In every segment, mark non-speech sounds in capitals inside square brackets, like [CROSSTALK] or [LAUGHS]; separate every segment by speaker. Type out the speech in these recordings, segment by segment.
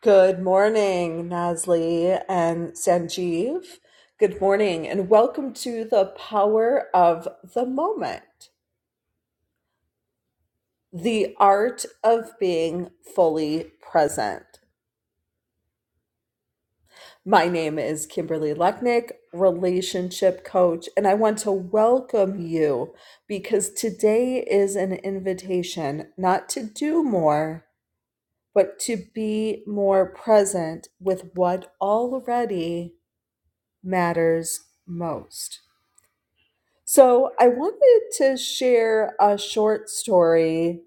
Speaker 1: Good morning, Nasli and Sanjeev. Good morning, and welcome to the power of the moment, the art of being fully present. My name is Kimberly Lechnick, relationship coach, and I want to welcome you because today is an invitation not to do more, but to be more present with what already matters most. So, I wanted to share a short story.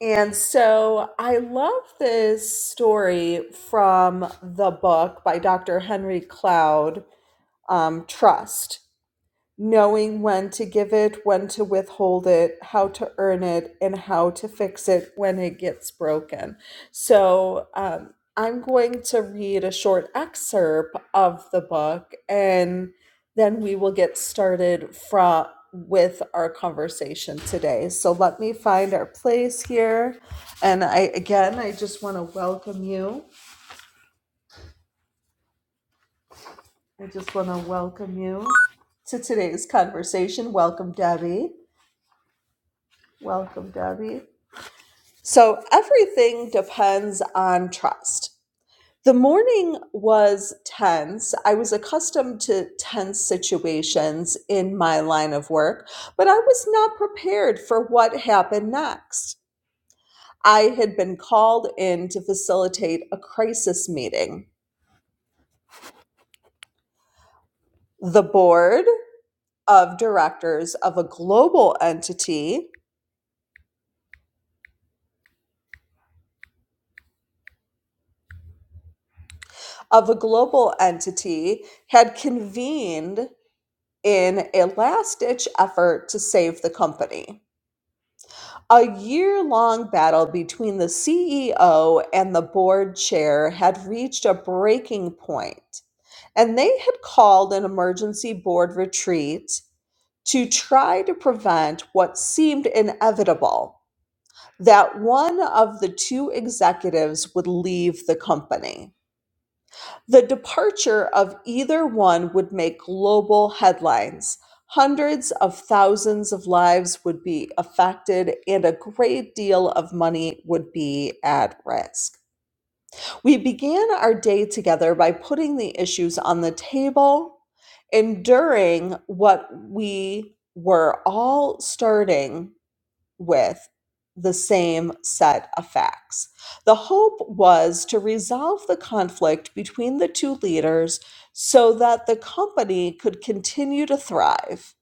Speaker 1: And so, I love this story from the book by Dr. Henry Cloud um, Trust. knowing when to give it, when to withhold it, how to earn it, and how to fix it when it gets broken. So, um, I'm going to read a short excerpt of the book, and then we will get started from with our conversation today. So let me find our place here, and I again, I just want to welcome you. I just want to welcome you to today's conversation. Welcome, Debbie. Welcome, Debbie. So everything depends on trust. The morning was tense. I was accustomed to tense situations in my line of work, but I was not prepared for what happened next. I had been called in to facilitate a crisis meeting. The board of directors of a global entity of a global entity had convened in a last ditch effort to save the company. A year long battle between the CEO and the board chair had reached a breaking point, and they had called an emergency board retreat to try to prevent what seemed inevitable that one of the two executives would leave the company. The departure of either one would make global headlines. Hundreds of thousands of lives would be affected, and a great deal of money would be at risk. We began our day together by putting the issues on the table, enduring what we were all starting with the same set of facts. The hope was to resolve the conflict between the two leaders so that the company could continue to thrive.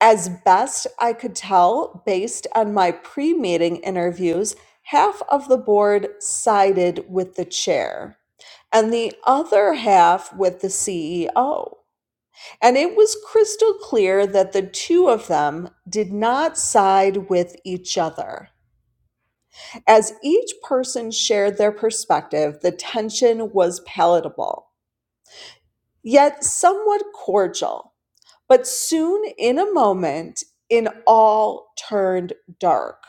Speaker 1: As best I could tell, based on my pre meeting interviews, half of the board sided with the chair and the other half with the CEO. And it was crystal clear that the two of them did not side with each other. As each person shared their perspective, the tension was palatable, yet somewhat cordial. But soon, in a moment, it all turned dark.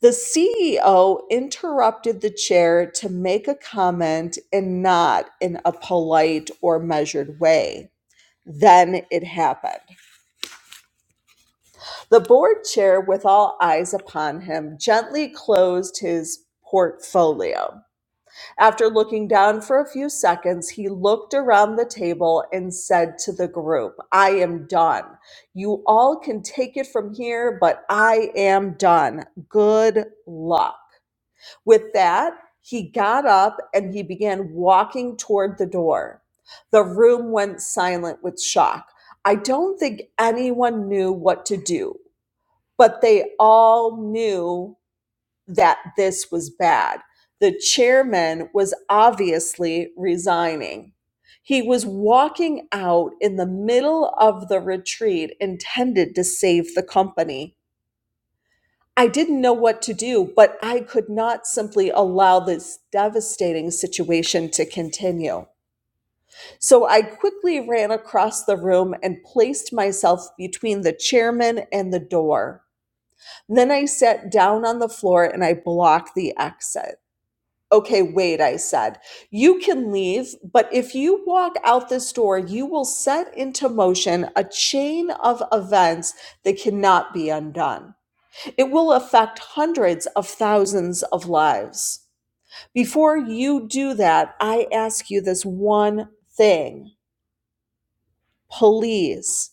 Speaker 1: The CEO interrupted the chair to make a comment and not in a polite or measured way. Then it happened. The board chair, with all eyes upon him, gently closed his portfolio. After looking down for a few seconds, he looked around the table and said to the group, I am done. You all can take it from here, but I am done. Good luck. With that, he got up and he began walking toward the door. The room went silent with shock. I don't think anyone knew what to do, but they all knew that this was bad. The chairman was obviously resigning. He was walking out in the middle of the retreat intended to save the company. I didn't know what to do, but I could not simply allow this devastating situation to continue. So I quickly ran across the room and placed myself between the chairman and the door. Then I sat down on the floor and I blocked the exit. Okay, wait, I said, you can leave, but if you walk out this door, you will set into motion a chain of events that cannot be undone. It will affect hundreds of thousands of lives. Before you do that, I ask you this one thing. Please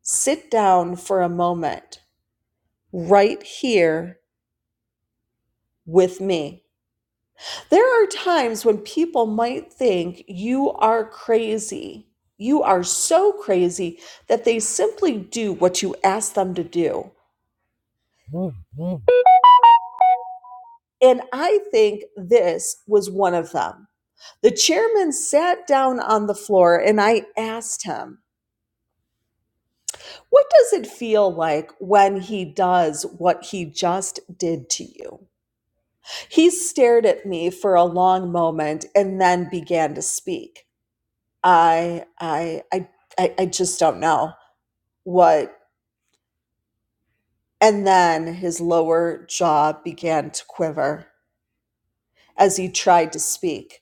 Speaker 1: sit down for a moment right here with me. There are times when people might think you are crazy. You are so crazy that they simply do what you ask them to do. Mm-hmm. And I think this was one of them. The chairman sat down on the floor and I asked him, What does it feel like when he does what he just did to you? He stared at me for a long moment and then began to speak. I I I I I just don't know what and then his lower jaw began to quiver as he tried to speak.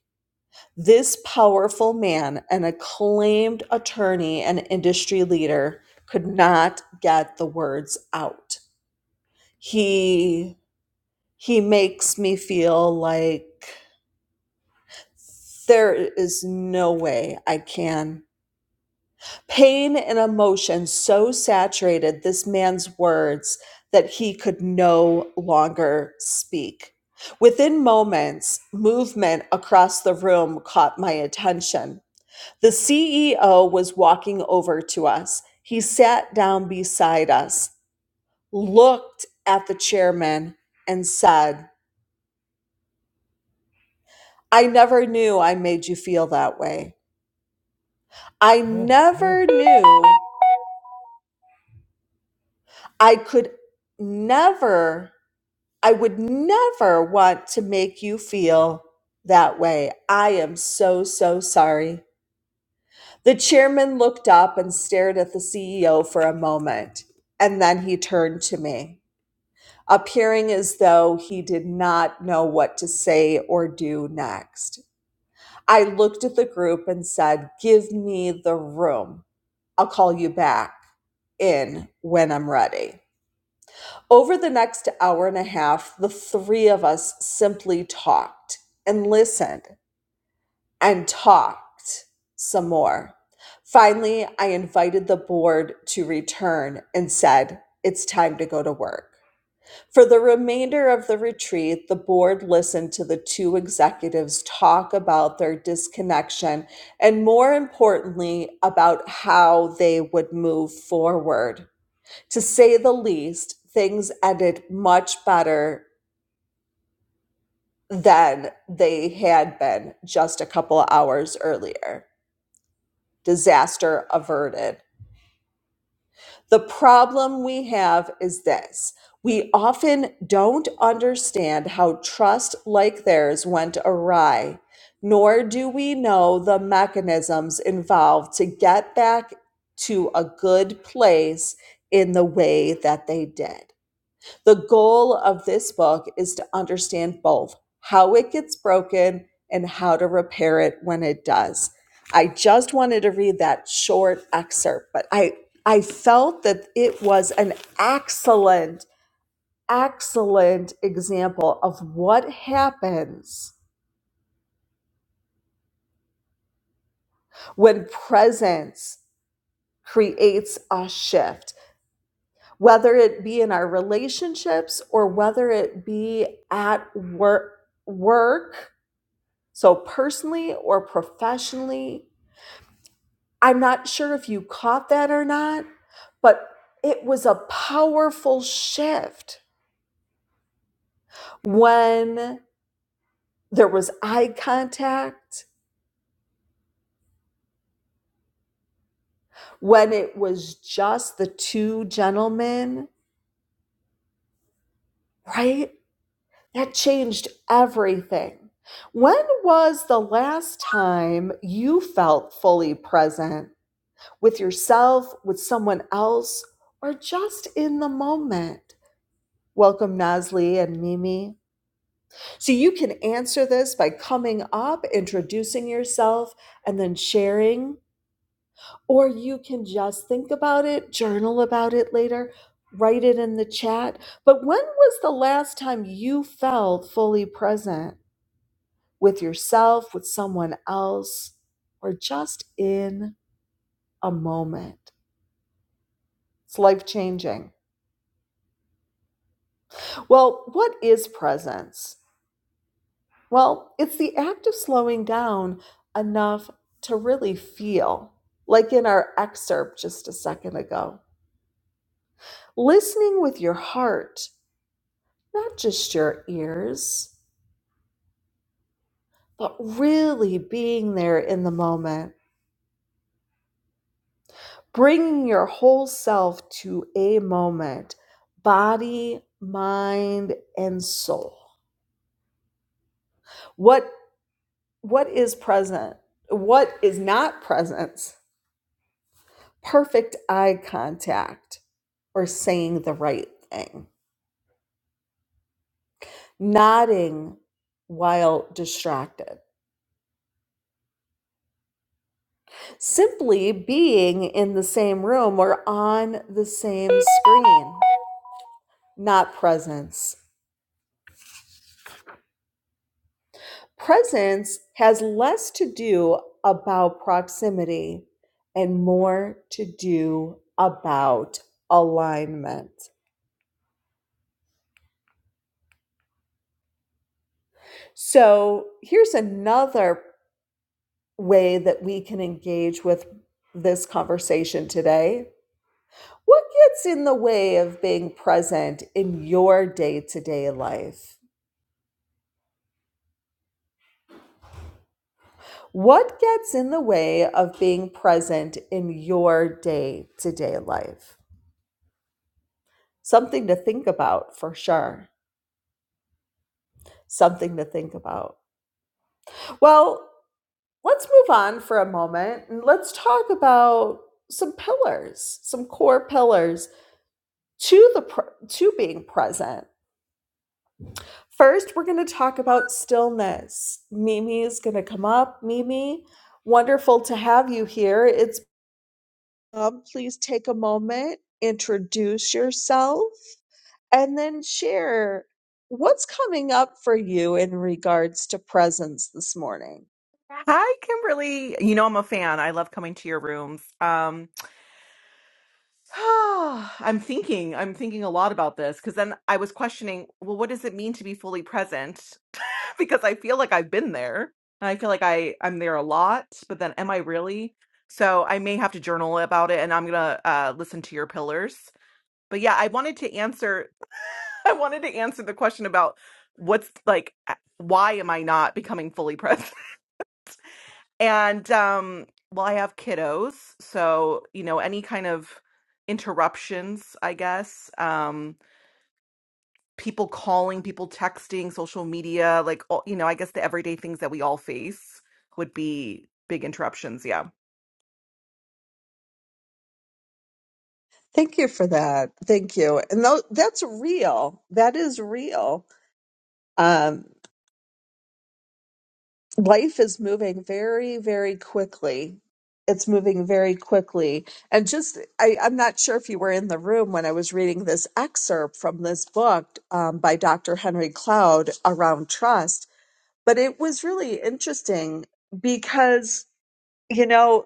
Speaker 1: This powerful man, an acclaimed attorney and industry leader, could not get the words out. He he makes me feel like there is no way I can Pain and emotion so saturated this man's words that he could no longer speak. Within moments, movement across the room caught my attention. The CEO was walking over to us. He sat down beside us, looked at the chairman, and said, I never knew I made you feel that way. I never knew I could never I would never want to make you feel that way. I am so, so sorry. The chairman looked up and stared at the CEO for a moment, and then he turned to me, appearing as though he did not know what to say or do next. I looked at the group and said, Give me the room. I'll call you back in when I'm ready. Over the next hour and a half, the three of us simply talked and listened and talked some more. Finally, I invited the board to return and said, It's time to go to work. For the remainder of the retreat, the board listened to the two executives talk about their disconnection and, more importantly, about how they would move forward to say the least, things ended much better than they had been just a couple of hours earlier. Disaster averted. The problem we have is this we often don't understand how trust like theirs went awry, nor do we know the mechanisms involved to get back to a good place in the way that they did. The goal of this book is to understand both how it gets broken and how to repair it when it does. I just wanted to read that short excerpt, but I, I felt that it was an excellent, excellent example of what happens when presence creates a shift, whether it be in our relationships or whether it be at work work So, personally or professionally, I'm not sure if you caught that or not, but it was a powerful shift when there was eye contact, when it was just the two gentlemen, right? That changed everything. When was the last time you felt fully present with yourself, with someone else, or just in the moment? Welcome, Nasli and Mimi. So you can answer this by coming up, introducing yourself, and then sharing. Or you can just think about it, journal about it later, write it in the chat. But when was the last time you felt fully present with yourself, with someone else, or just in a moment? It's life changing. Well, what is presence? Well, it's the act of slowing down enough to really feel, like in our excerpt just a second ago. Listening with your heart, not just your ears, but really being there in the moment, bringing your whole self to a moment, body, mind, and soul. What what is present? What is not presence? perfect eye contact or saying the right thing, nodding while distracted, simply being in the same room or on the same screen, not presence. Presence has less to do about proximity and more to do about alignment. So here's another way that we can engage with this conversation today. What gets in the way of being present in your day to day life? What gets in the way of being present in your day to day life? Something to think about for sure. Something to think about. Well, let's move on for a moment and let's talk about some pillars, some core pillars to the to being present First, we're going to talk about stillness. Mimi is going to come up. Mimi, wonderful to have you here. It's um, please take a moment, introduce yourself, and then share what's coming up for you in regards to presence this morning.
Speaker 2: Hi, Kimberly. You know I'm a fan. I love coming to your rooms. Um, [SIGHS] I'm thinking, I'm thinking a lot about this because then I was questioning, well, what does it mean to be fully present? [LAUGHS] Because I feel like I've been there. And I feel like I I'm there a lot, but then am I really? So I may have to journal about it and I'm gonna uh, listen to your pillars. But yeah, I wanted to answer [LAUGHS] I wanted to answer the question about what's like why am I not becoming fully [LAUGHS] present? and um well i have kiddos so you know any kind of interruptions i guess um people calling people texting social media like all, you know i guess the everyday things that we all face would be big interruptions yeah
Speaker 1: Thank you for that. Thank you. And tho- that's real. That is real. Um. life is moving very very quickly it's moving very quickly and just I, i'm not sure if you were in the room when i was reading this excerpt from this book um, by dr henry cloud around trust but it was really interesting because you know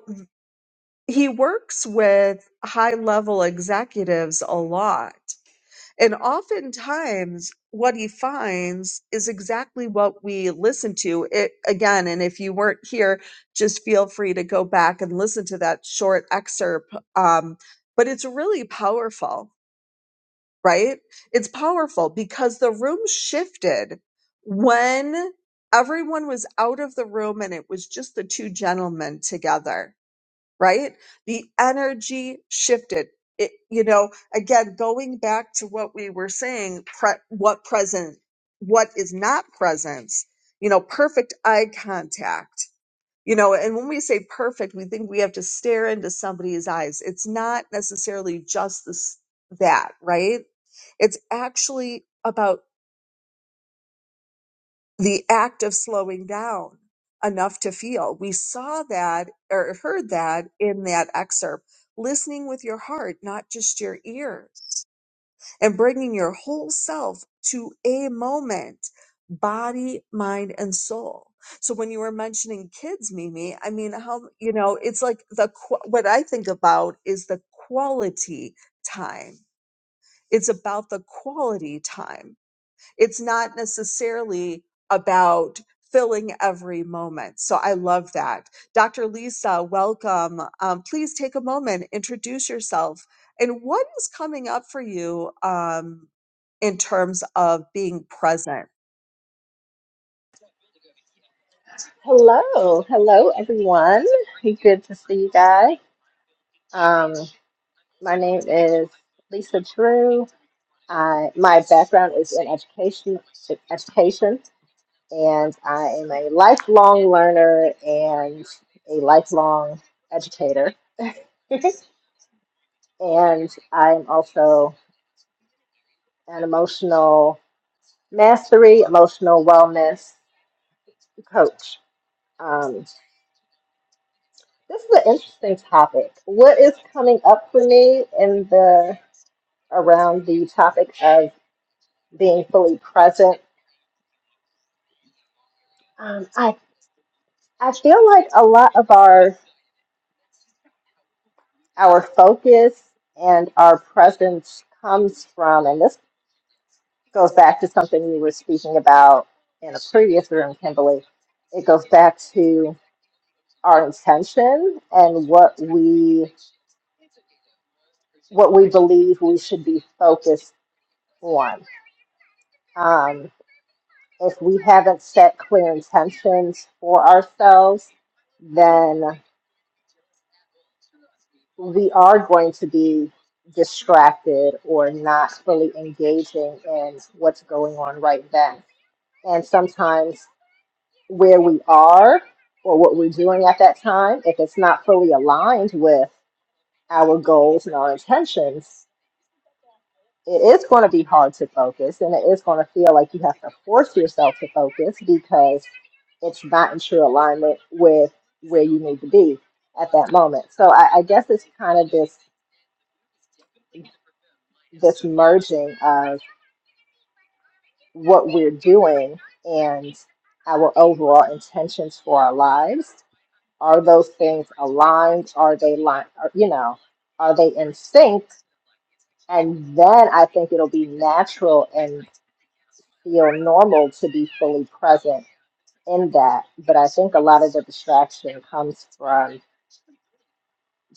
Speaker 1: he works with high level executives a lot and oftentimes, what he finds is exactly what we listen to. It, again, and if you weren't here, just feel free to go back and listen to that short excerpt. Um, but it's really powerful, right? It's powerful because the room shifted when everyone was out of the room and it was just the two gentlemen together right? The energy shifted. It, you know, again, going back to what we were saying, pre- what present, what is not presence, you know, perfect eye contact, you know, and when we say perfect, we think we have to stare into somebody's eyes. It's not necessarily just this, that, right? It's actually about the act of slowing down enough to feel. We saw that or heard that in that excerpt. Listening with your heart, not just your ears, and bringing your whole self to a moment, body, mind, and soul. So when you were mentioning kids, Mimi, I mean, how, you know, it's like the, qu- what I think about is the quality time. It's about the quality time it's not necessarily about filling every moment. So I love that. Dr. Lisa, welcome. Um, please take a moment, introduce yourself, and what is coming up for you um, in terms of being present?
Speaker 3: Hello, hello everyone. Hey, Good to see you guys. Um, my name is Lisa Drew. I, my background is in education, education, and I am a lifelong learner and a lifelong educator. [LAUGHS] and I'm also an emotional mastery, emotional wellness coach. Um, this is an interesting topic. What is coming up for me in the around the topic of being fully present. Um, I I feel like a lot of our our focus and our presence comes from, and this goes back to something we were speaking about in a previous room, Kimberly. It goes back to our intention and what we what we believe we should be focused on. Um, if we haven't set clear intentions for ourselves, then we are going to be distracted or not fully engaging in what's going on right then. And sometimes where we are or what we're doing at that time, if it's not fully aligned with our goals and our intentions, it is going to be hard to focus and it is going to feel like you have to force yourself to focus because it's not in true alignment with where you need to be at that moment. So I, I guess it's kind of this this merging of what we're doing and our overall intentions for our lives. Are those things aligned? Are they line? Are, you know, are they in sync? And then I think it'll be natural and feel normal to be fully present in that. But I think a lot of the distraction comes from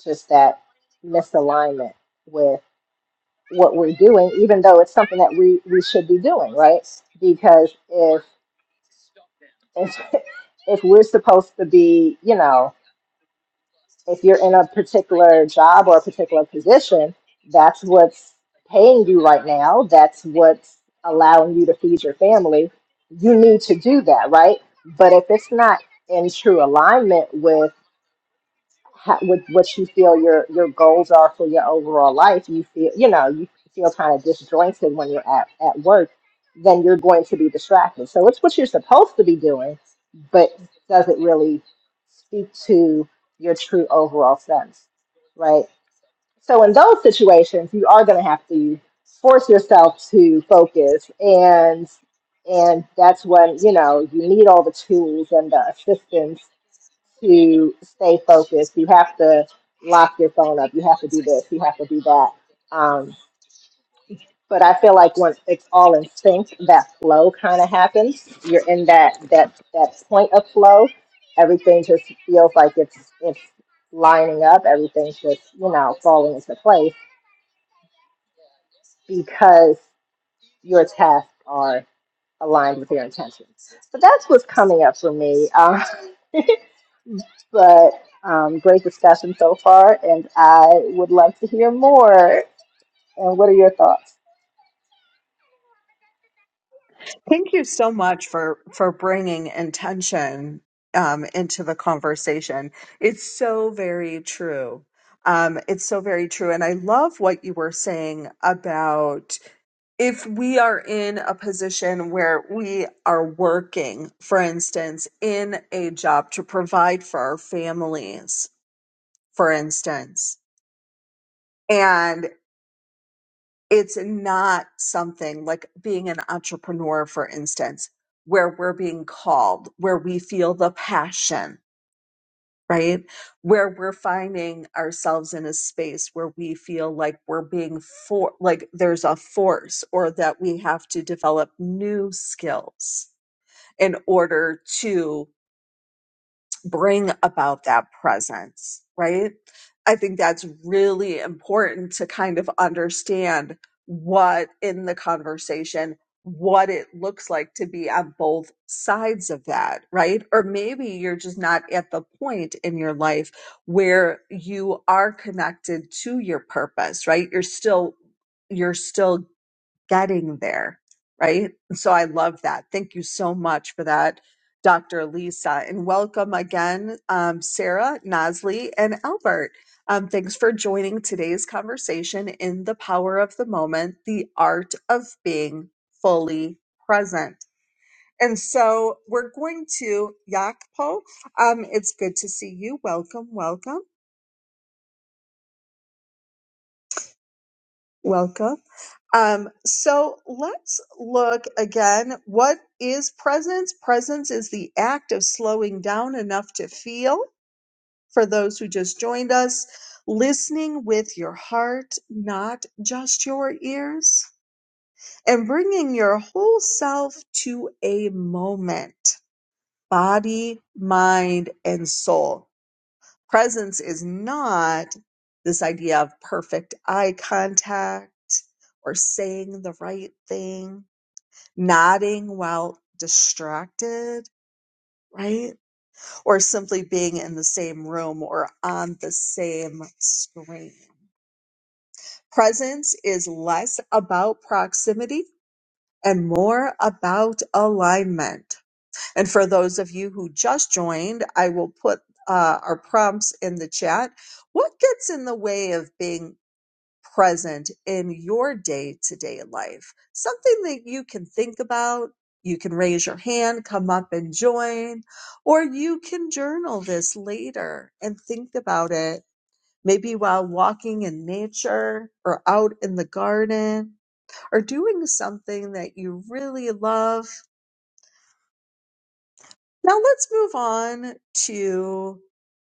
Speaker 3: just that misalignment with what we're doing, even though it's something that we, we should be doing, right? Because if if [LAUGHS] if we're supposed to be, you know, if you're in a particular job or a particular position, that's what's paying you right now. That's what's allowing you to feed your family. You need to do that, right? But if it's not in true alignment with ha- with what you feel your your goals are for your overall life you feel you know you feel kind of disjointed when you're at, at work then you're going to be distracted so it's what you're supposed to be doing but does it really speak to your true overall sense right so in those situations you are going to have to force yourself to focus and and that's when you know you need all the tools and the assistance to stay focused. You have to lock your phone up. You have to do this. You have to do that. Um, but I feel like when it's all in sync, that flow kind of happens. You're in that that that point of flow. Everything just feels like it's it's lining up. Everything's just you know falling into place because your tasks are aligned with your intentions. So that's what's coming up for me. Uh, but um, great discussion so far, and I would love to hear more. And what are your thoughts?
Speaker 1: Thank you so much for for bringing intention um, into the conversation. It's so very true. Um, it's so very true, and I love what you were saying about if we are in a position where we are working, for instance, in a job to provide for our families, for instance, and it's not something like being an entrepreneur, for instance, where we're being called, where we feel the passion, right? Where we're finding ourselves in a space where we feel like we're being for, like there's a force or that we have to develop new skills in order to bring about that presence, right? I think that's really important to kind of understand what in the conversation, what it looks like to be on both sides of that, right? Or maybe you're just not at the point in your life where you are connected to your purpose, right? You're still you're still getting there, right? And so I love that. Thank you so much for that, Dr. Lisa. And welcome again, um, Sarah, Nosley, and Albert. Um, thanks for joining today's conversation in the power of the moment, the art of being fully present. And so we're going to Yakpo. Um, it's good to see you. Welcome, welcome, welcome. Um, so let's look again. What is presence? Presence is the act of slowing down enough to feel, for those who just joined us, listening with your heart, not just your ears, and bringing your whole self to a moment, body, mind, and soul. Presence is not this idea of perfect eye contact or saying the right thing nodding while distracted, right? Or simply being in the same room or on the same screen. Presence is less about proximity and more about alignment. And for those of you who just joined, I will put uh, our prompts in the chat. What gets in the way of being present in your day to day life? Something that you can think about. You can raise your hand, come up and join, or you can journal this later and think about it. Maybe while walking in nature or out in the garden or doing something that you really love. Now let's move on to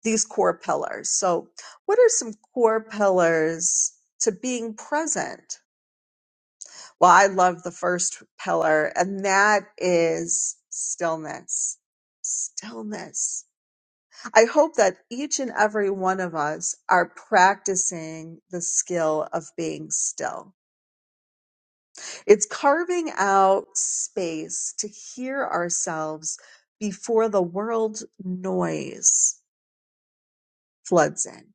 Speaker 1: these core pillars. So what are some core pillars to being present? Well, I love the first pillar, and that is stillness. Stillness. I hope that each and every one of us are practicing the skill of being still. It's carving out space to hear ourselves before the world noise floods in.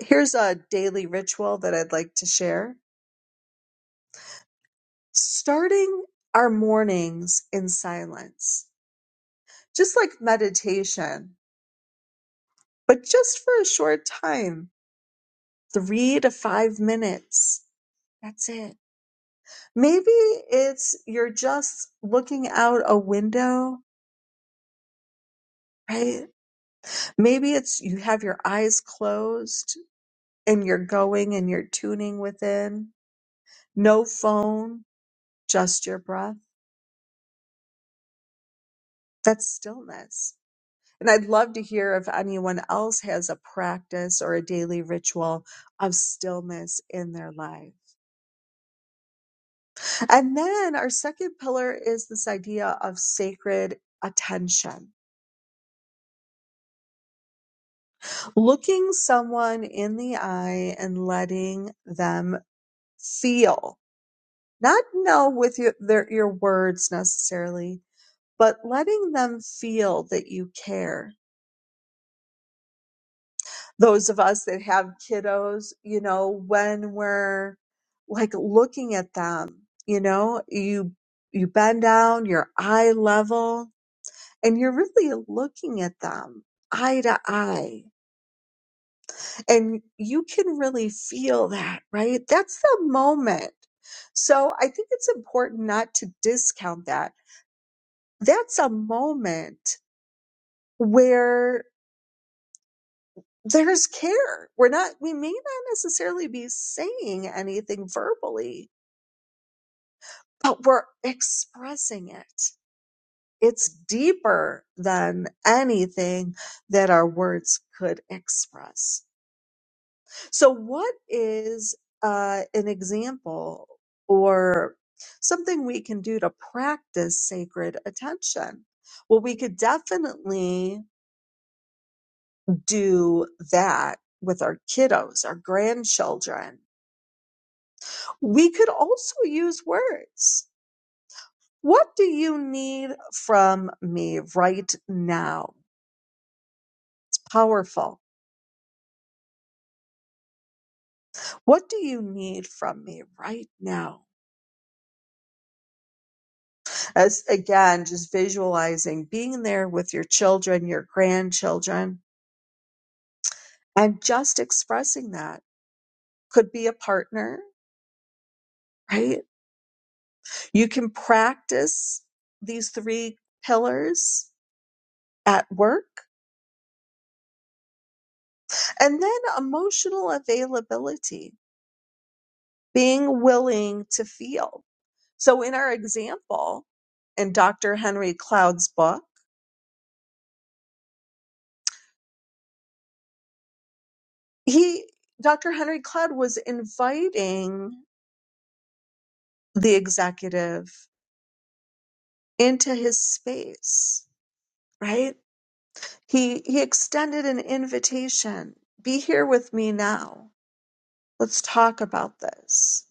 Speaker 1: Here's a daily ritual that I'd like to share starting our mornings in silence just like meditation, but just for a short time three to five minutes. That's it. Maybe it's you're just looking out a window, right? Maybe it's you have your eyes closed and you're going and you're tuning within. No phone, just your breath. That's stillness. And I'd love to hear if anyone else has a practice or a daily ritual of stillness in their life. And then our second pillar is this idea of sacred attention, looking someone in the eye and letting them feel, not know with your, their, your words necessarily, but letting them feel that you care. Those of us that have kiddos, you know, when we're like looking at them, you know, you, you bend down, your eye level, and you're really looking at them eye to eye and you can really feel that right that's the moment so i think it's important not to discount that that's a moment where there's care we're not we may not necessarily be saying anything verbally but we're expressing it it's deeper than anything that our words could express So, what is uh, an example or something we can do to practice sacred attention? Well, we could definitely do that with our kiddos, our grandchildren. We could also use words. What do you need from me right now? It's powerful. What do you need from me right now? as again just visualizing being there with your children your grandchildren and just expressing that could be a partner right you can practice these three pillars at work and then emotional availability being willing to feel so in our example in dr henry cloud's book he dr henry cloud was inviting the executive into his space, right? He he extended an invitation. Be here with me now. Let's talk about this.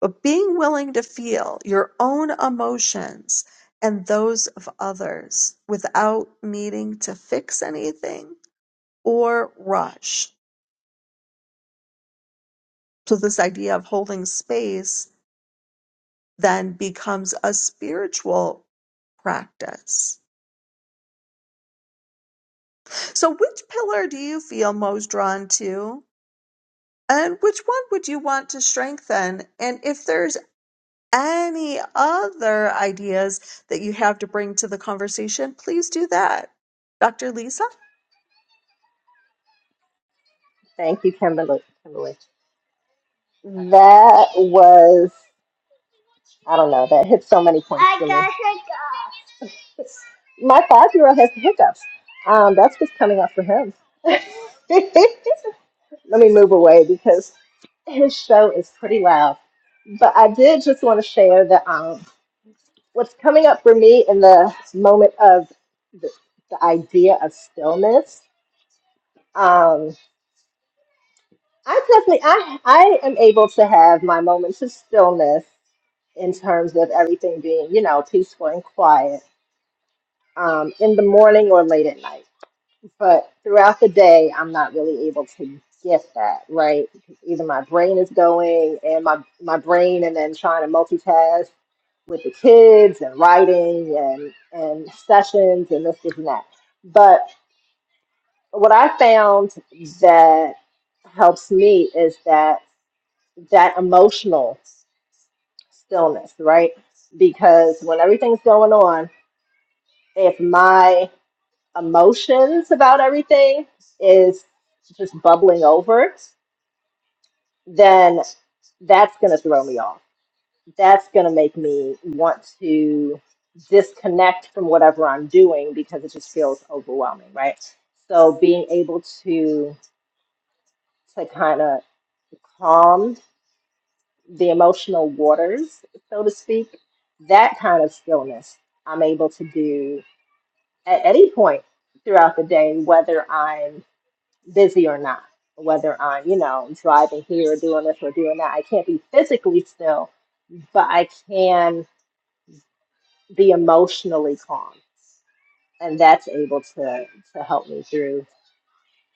Speaker 1: But being willing to feel your own emotions and those of others without needing to fix anything or rush. So this idea of holding space then becomes a spiritual practice. So which pillar do you feel most drawn to? And which one would you want to strengthen? And if there's any other ideas that you have to bring to the conversation, please do that. Dr. Lisa?
Speaker 3: Thank you, Kimberly. Kimberly, that was I don't know that hit so many points. I for me. got hiccups. My five-year-old has the hiccups. Um, that's just coming up for him. [LAUGHS] Let me move away because his show is pretty loud. But I did just want to share that. um, what's coming up for me in the moment of the, the idea of stillness um i definitely i i am able to have my moments of stillness in terms of everything being you know peaceful and quiet um in the morning or late at night but throughout the day i'm not really able to get that right either my brain is going and my my brain and then trying to multitask with the kids and writing and and sessions and this this, and that. But what I found that helps me is that that emotional stillness, right? Because when everything's going on, if my emotions about everything is just bubbling over, then that's going to throw me off that's going to make me want to disconnect from whatever I'm doing because it just feels overwhelming, right? So being able to to kind of calm the emotional waters, so to speak, that kind of stillness I'm able to do at any point throughout the day, whether I'm busy or not, whether I'm, you know, driving here or doing this or doing that. I can't be physically still, but I can be emotionally calm and that's able to to help me through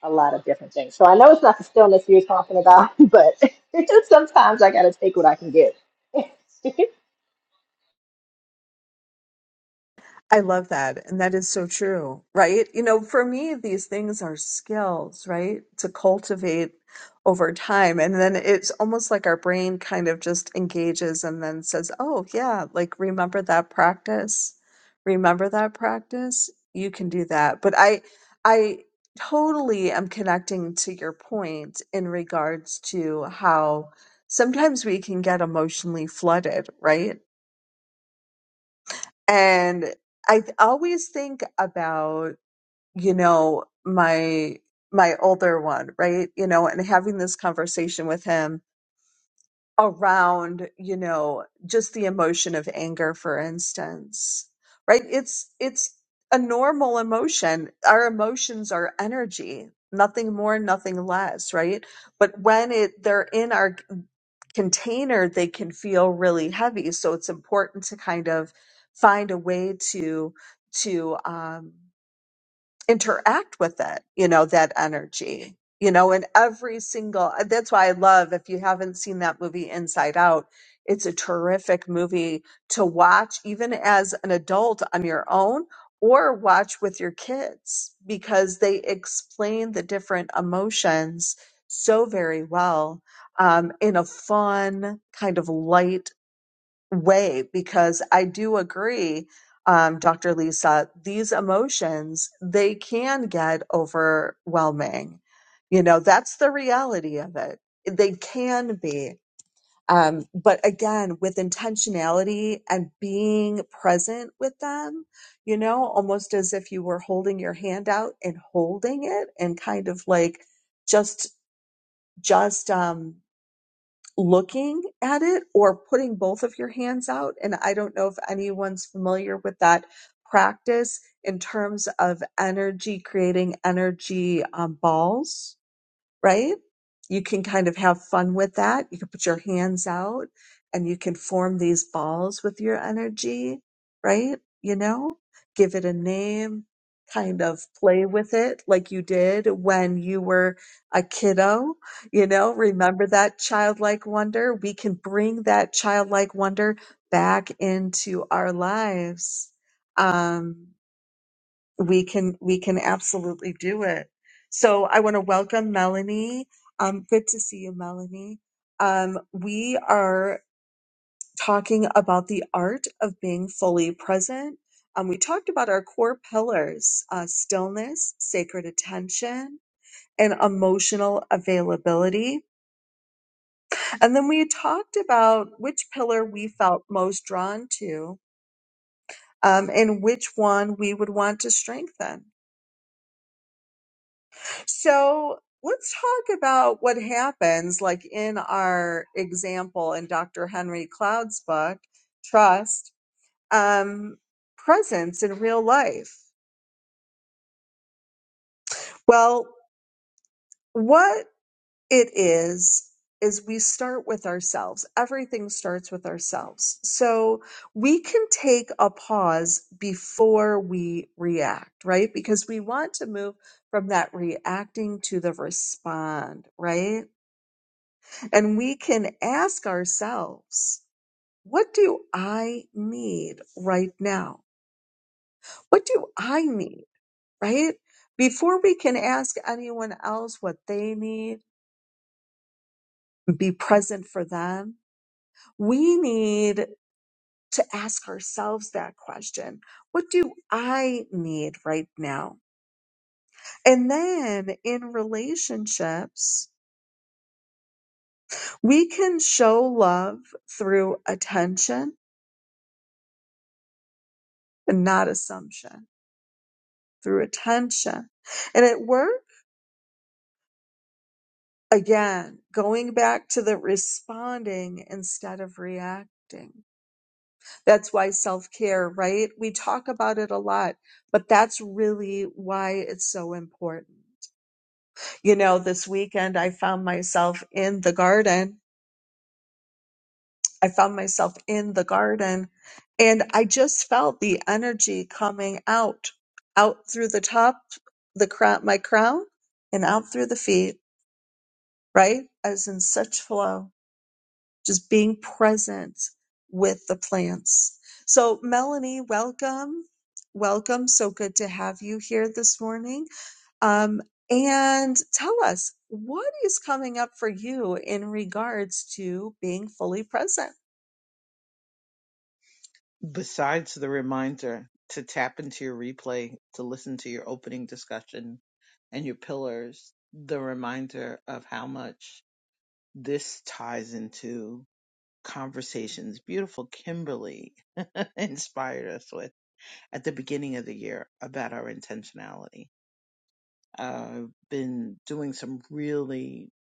Speaker 3: a lot of different things so i know it's not the stillness you're talking about [LAUGHS] but [LAUGHS] sometimes i gotta take what i can get [LAUGHS]
Speaker 1: I love that. And that is so true, right? You know, for me, these things are skills, right? To cultivate over time. And then it's almost like our brain kind of just engages and then says, oh, yeah, like remember that practice. Remember that practice. You can do that. But I, I totally am connecting to your point in regards to how sometimes we can get emotionally flooded, right? and i th- always think about you know my my older one right you know and having this conversation with him around you know just the emotion of anger for instance right it's it's a normal emotion our emotions are energy nothing more nothing less right but when it they're in our container they can feel really heavy so it's important to kind of find a way to to um interact with it, you know, that energy, you know, and every single, uh, that's why I love, if you haven't seen that movie Inside Out, it's a terrific movie to watch, even as an adult on your own or watch with your kids, because they explain the different emotions so very well um, in a fun, kind of light way because I do agree, um, Dr. Lisa, these emotions, they can get overwhelming. You know, that's the reality of it. They can be. Um, but again, with intentionality and being present with them, you know, almost as if you were holding your hand out and holding it and kind of like just, just, um, looking at it or putting both of your hands out. And I don't know if anyone's familiar with that practice in terms of energy, creating energy um, balls right? You can kind of have fun with that. You can put your hands out and you can form these balls with your energy, right? You know, give it a name, kind of play with it like you did when you were a kiddo. You know, remember that childlike wonder? We can bring that childlike wonder back into our lives. Um, we can we can absolutely do it so i want to welcome melanie um, good to see you melanie um, we are talking about the art of being fully present um, we talked about our core pillars uh, stillness sacred attention and emotional availability and then we talked about which pillar we felt most drawn to um, and which one we would want to strengthen So let's talk about what happens, like in our example in Dr. Henry Cloud's book, Trust, um, presence in real life. Well, what it is, is we start with ourselves. Everything starts with ourselves. So we can take a pause before we react, right? Because we want to move from that reacting to the respond, right? And we can ask ourselves, what do I need right now? What do I need, right? Before we can ask anyone else what they need, be present for them, we need to ask ourselves that question. What do I need right now? And then in relationships, we can show love through attention and not assumption through attention. And at work, again, going back to the responding instead of reacting. That's why self care, right? We talk about it a lot, but that's really why it's so important. You know, this weekend I found myself in the garden. I found myself in the garden and I just felt the energy coming out, out through the top, the crown, my crown and out through the feet right? as in such flow, just being present with the plants. So, Melanie, welcome. Welcome. So good to have you here this morning. Um, and tell us what is coming up for you in regards to being fully present.
Speaker 4: Besides the reminder to tap into your replay to listen to your opening discussion and your pillars, the reminder of how much this ties into conversations beautiful Kimberly [LAUGHS] inspired us with at the beginning of the year about our intentionality. I've been doing some really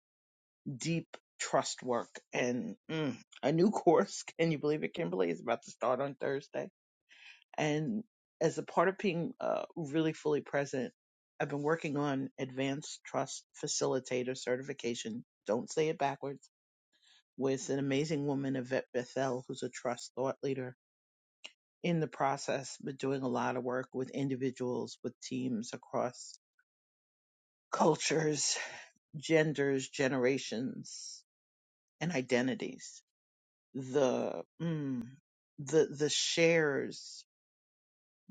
Speaker 4: deep trust work and mm, a new [LAUGHS] course. Can you believe it, Kimberly? is about to start on Thursday And as a part of being uh, really fully present, I've been working on advanced trust facilitator certification. Don't say it backwards. With an amazing woman, Yvette Bethel, who's a trust thought leader. In the process, been doing a lot of work with individuals, with teams across cultures, genders, generations, and identities. The mm, the the shares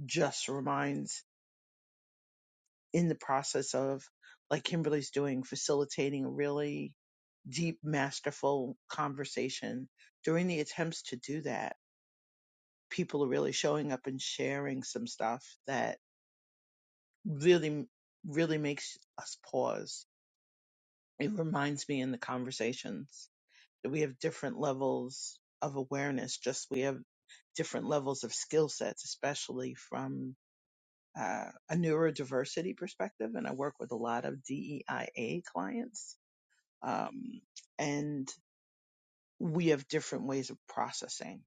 Speaker 4: just reminds in the process of like Kimberly's doing facilitating a really deep masterful conversation during the attempts to do that people are really showing up and sharing some stuff that really really makes us pause it reminds me in the conversations that we have different levels of awareness just we have different levels of skill sets especially from uh, a neurodiversity perspective and i work with a lot of deia clients um, and we have different ways of processing.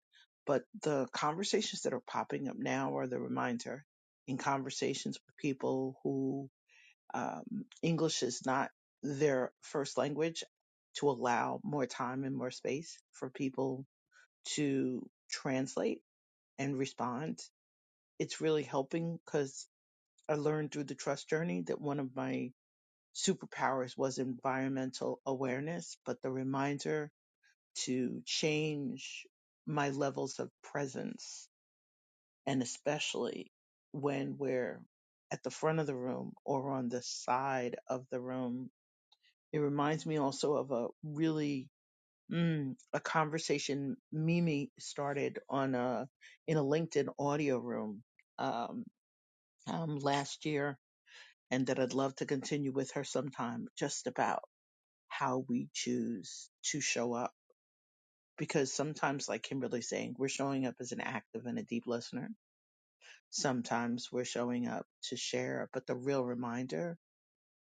Speaker 4: But the conversations that are popping up now are the reminder in conversations with people who um, English is not their first language to allow more time and more space for people to translate and respond. It's really helping because I learned through the trust journey that one of my superpowers was environmental awareness, but the reminder to change my levels of presence. And especially when we're at the front of the room or on the side of the room, it reminds me also of a really mm, a conversation Mimi started on a in a LinkedIn audio room um, um, last year, and that I'd love to continue with her sometime. Just about how we choose to show up because sometimes like kimberly saying we're showing up as an active and a deep listener sometimes we're showing up to share but the real reminder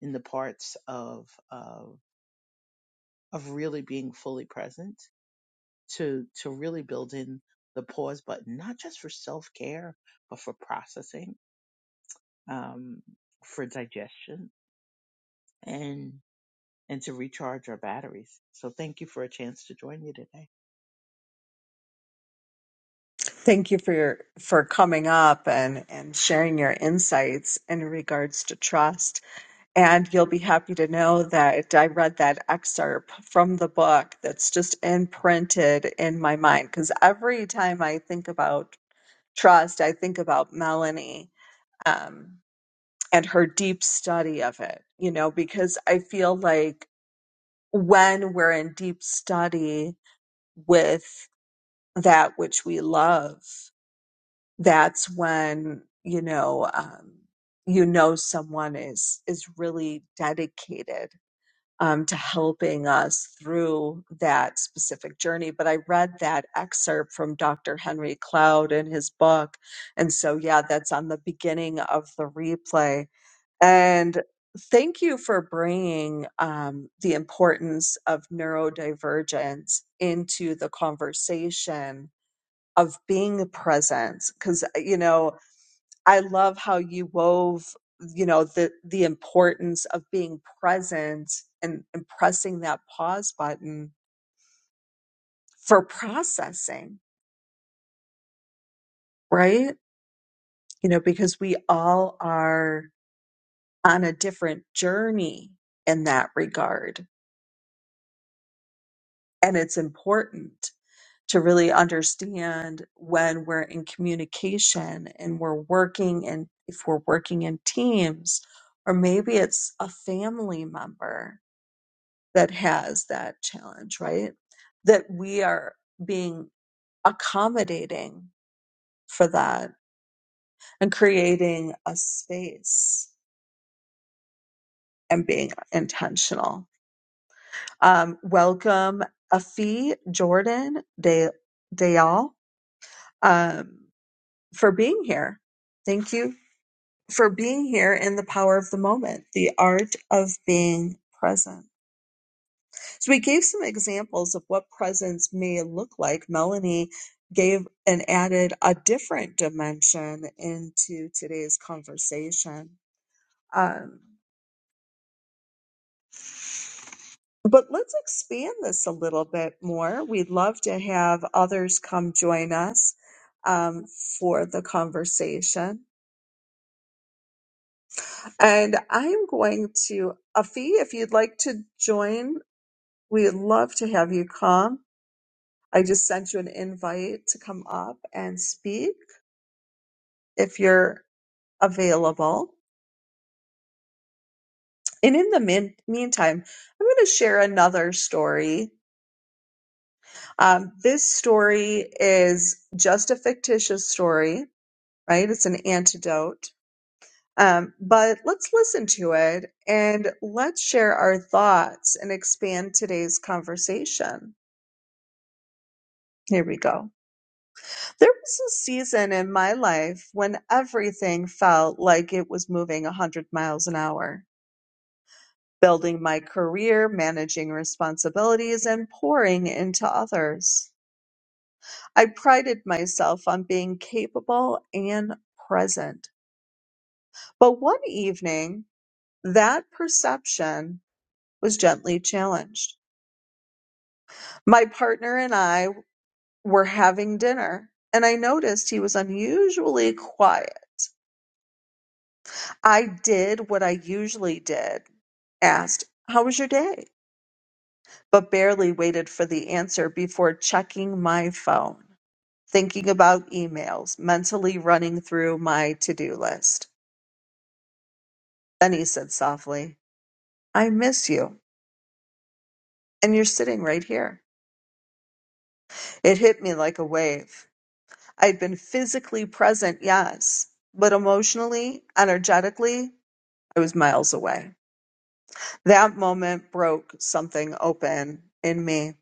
Speaker 4: in the parts of of, of really being fully present to to really build in the pause button not just for self-care but for processing um, for digestion and and to recharge our batteries so thank you for a chance to join you today
Speaker 1: Thank you for your for coming up and and sharing your insights in regards to trust. And you'll be happy to know that I read that excerpt from the book that's just imprinted in my mind. Because every time I think about trust, I think about Melanie um, and her deep study of it, you know, because I feel like when we're in deep study with that which we love, that's when, you know, um, you know someone is is really dedicated um, to helping us through that specific journey. But I read that excerpt from Dr. Henry Cloud in his book. And so, yeah, that's on the beginning of the replay. And thank you for bringing um, the importance of neurodivergence into the conversation of being present. Because, you know, I love how you wove, you know, the the importance of being present and, and pressing that pause button for processing, right? You know, because we all are on a different journey in that regard. And it's important to really understand when we're in communication and we're working and if we're working in teams, or maybe it's a family member that has that challenge, right? That we are being accommodating for that and creating a space and being intentional. Um, welcome Afi Jordan De Dayal um, for being here. Thank you for being here in the power of the moment, the art of being present. So we gave some examples of what presence may look like. Melanie gave and added a different dimension into today's conversation. Um, but let's expand this a little bit more. We'd love to have others come join us um, for the conversation. And I'm going to, Afi, if you'd like to join, we'd love to have you come. I just sent you an invite to come up and speak. if you're available. And in the min- meantime, I'm going to share another story. Um, this story is just a fictitious story, right? It's an antidote. Um, but let's listen to it and let's share our thoughts and expand today's conversation. Here we go. There was a season in my life when everything felt like it was moving 100 miles an hour. building my career, managing responsibilities, and pouring into others. I prided myself on being capable and present. But one evening, that perception was gently challenged. My partner and I were having dinner, and I noticed he was unusually quiet. I did what I usually did asked, How was your day? but barely waited for the answer before checking my phone. thinking about emails, mentally running through my to do list. Then he said softly, I miss you, and you're sitting right here. It hit me like a wave. I'd been physically present, yes, but emotionally, energetically, I was miles away. That moment broke something open in me.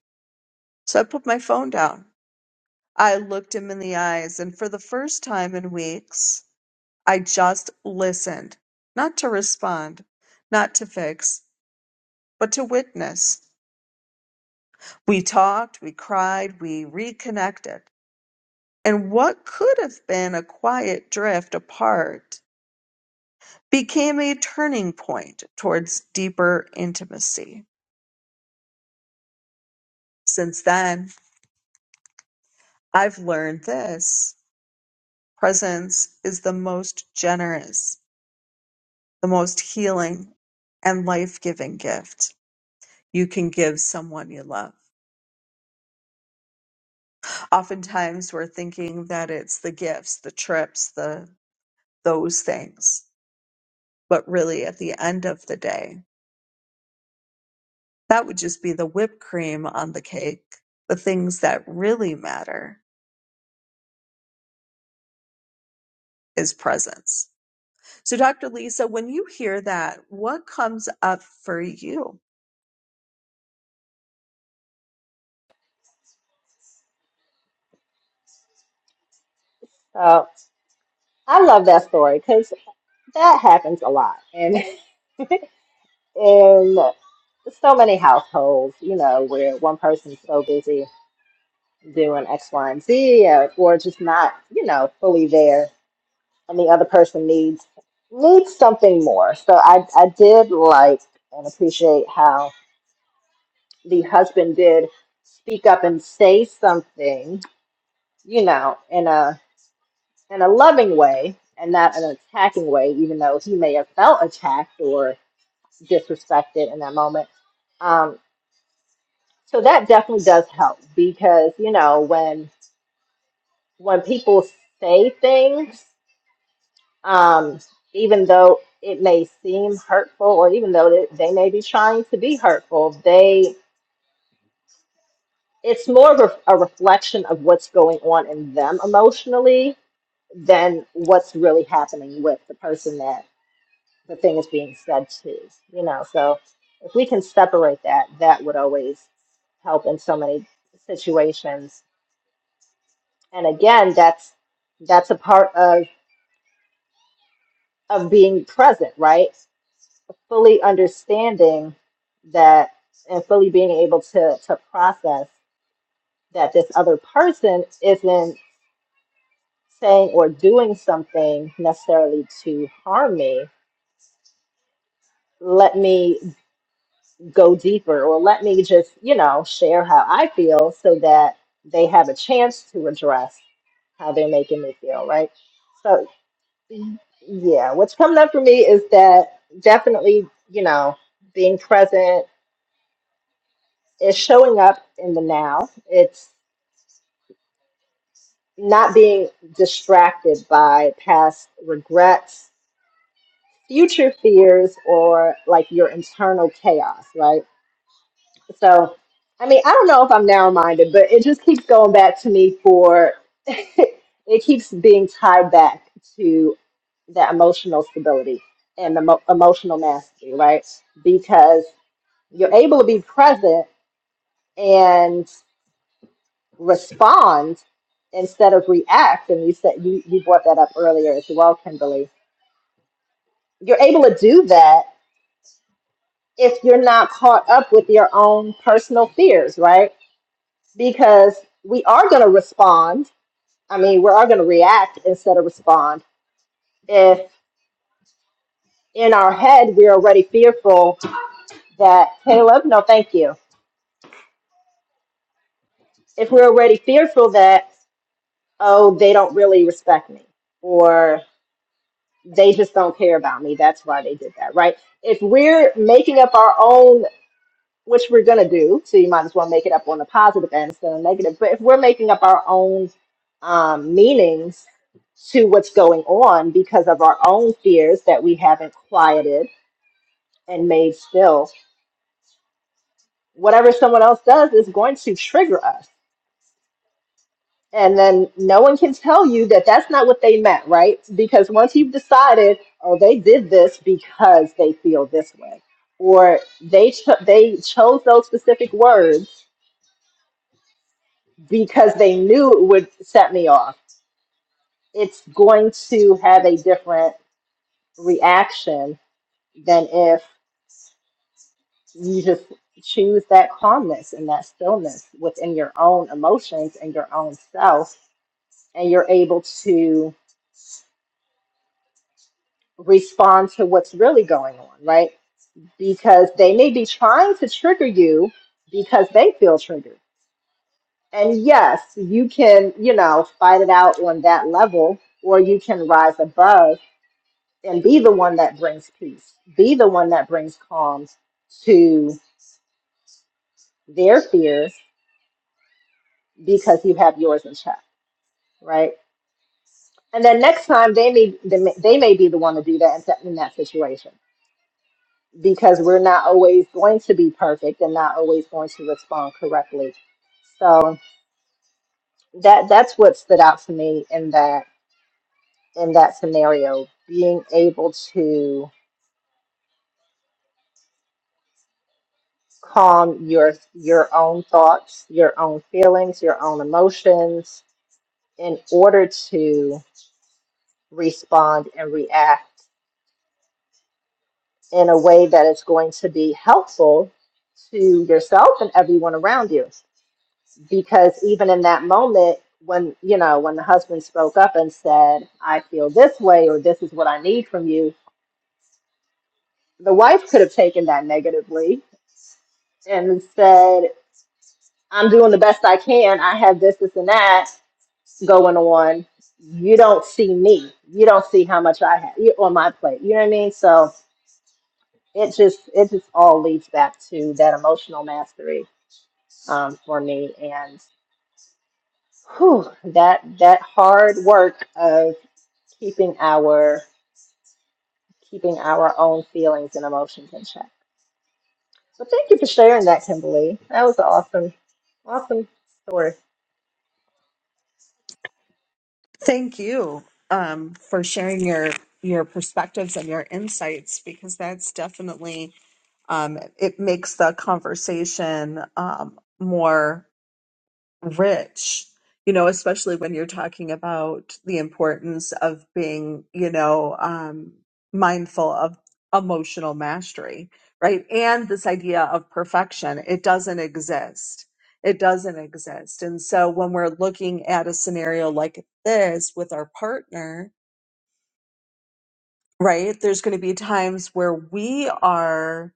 Speaker 1: So I put my phone down. I looked him in the eyes, and for the first time in weeks, I just listened, not to respond, not to fix, but to witness. We talked, we cried, we reconnected. And what could have been a quiet drift apart became a turning point towards deeper intimacy. Since then, I've learned this presence is the most generous, the most healing, and life giving gift you can give someone you love. oftentimes we're thinking that it's the gifts, the trips, the those things. But really at the end of the day, that would just be the whipped cream on the cake. The things that really matter is presence. So Dr. Lisa, when you hear that, what comes up for you?
Speaker 3: so i love that story because that happens a lot and [LAUGHS] in so many households you know where one person's so busy doing x y and z or, or just not you know fully there and the other person needs needs something more. So I I did like and appreciate how the husband did speak up and say something, you know, in a in a loving way and not an attacking way, even though he may have felt attacked or disrespected in that moment. Um, so that definitely does help because you know when when people say things um, even though it may seem hurtful or even though they they may be trying to be hurtful they it's more of a, a reflection of what's going on in them emotionally than what's really happening with the person that the thing is being said to you know so if we can separate that that would always help in so many situations and again that's that's a part of of being present right fully understanding that and fully being able to to process that this other person isn't saying or doing something necessarily to harm me let me go deeper or let me just you know share how i feel so that they have a chance to address how they're making me feel right so yeah what's coming up for me is that definitely you know being present It's showing up in the now. It's not being distracted by past regrets, future fears, or like your internal chaos, right? So, I mean, I don't know if I'm narrow minded, but it just keeps going back to me for [LAUGHS] it keeps being tied back to that emotional stability and emo- emotional mastery, right? Because you're able to be present and. respond instead of react. And you said you, you brought that up earlier as well, Kimberly. You're able to do that if you're not caught up with your own personal fears, right? Because we are going to respond. I mean, we are going to react instead of respond. If in our head we're already fearful that, Caleb, no, thank you. If we're already fearful that, oh, they don't really respect me, or they just don't care about me. That's why they did that, right? If we're making up our own, which we're gonna do, so you might as well make it up on the positive end instead of negative. But if we're making up our own um, meanings to what's going on because of our own fears that we haven't quieted and made still, whatever someone else does is going to trigger us. And then no one can tell you that that's not what they meant, right? Because once you've decided, oh, they did this because they feel this way, or they cho- they chose those specific words because they knew it would set me off. It's going to have a different reaction than if you just choose that calmness and that stillness within your own emotions and your own self, and you're able to respond to what's really going on, right? because they may be trying to trigger you because they feel triggered. And yes, you can, you know, fight it out on that level, or you can rise above and be the one that brings peace, be the one that brings calm to their fears because you have yours in check, right? And then next time they may they may they may be the one to do that in that in that situation because we're not always going to be perfect and not always going to respond correctly. So that that's what stood out to me in that in that scenario being able to calm your your own thoughts your own feelings your own emotions in order to respond and react in a way that is going to be helpful to yourself and everyone around you because even in that moment when you know when the husband spoke up and said i feel this way or this is what i need from you the wife could have taken that negatively and said, I'm doing the best I can. I have this, this, and that going on. You don't see me. You don't see how much I have you on my plate. You know what I mean? So it just it just all leads back to that emotional mastery um, for me and whew, that that hard work of keeping our keeping our own feelings and emotions in check. So thank you for sharing that, Kimberly. That was an awesome, awesome story.
Speaker 1: Thank you um, for sharing your your perspectives and your insights because that's definitely um, it makes the conversation um, more rich you know especially when you're talking about the importance of being you know um mindful of emotional mastery right and this idea of perfection it doesn't exist it doesn't exist and so when we're looking at a scenario like this with our partner right there's going to be times where we are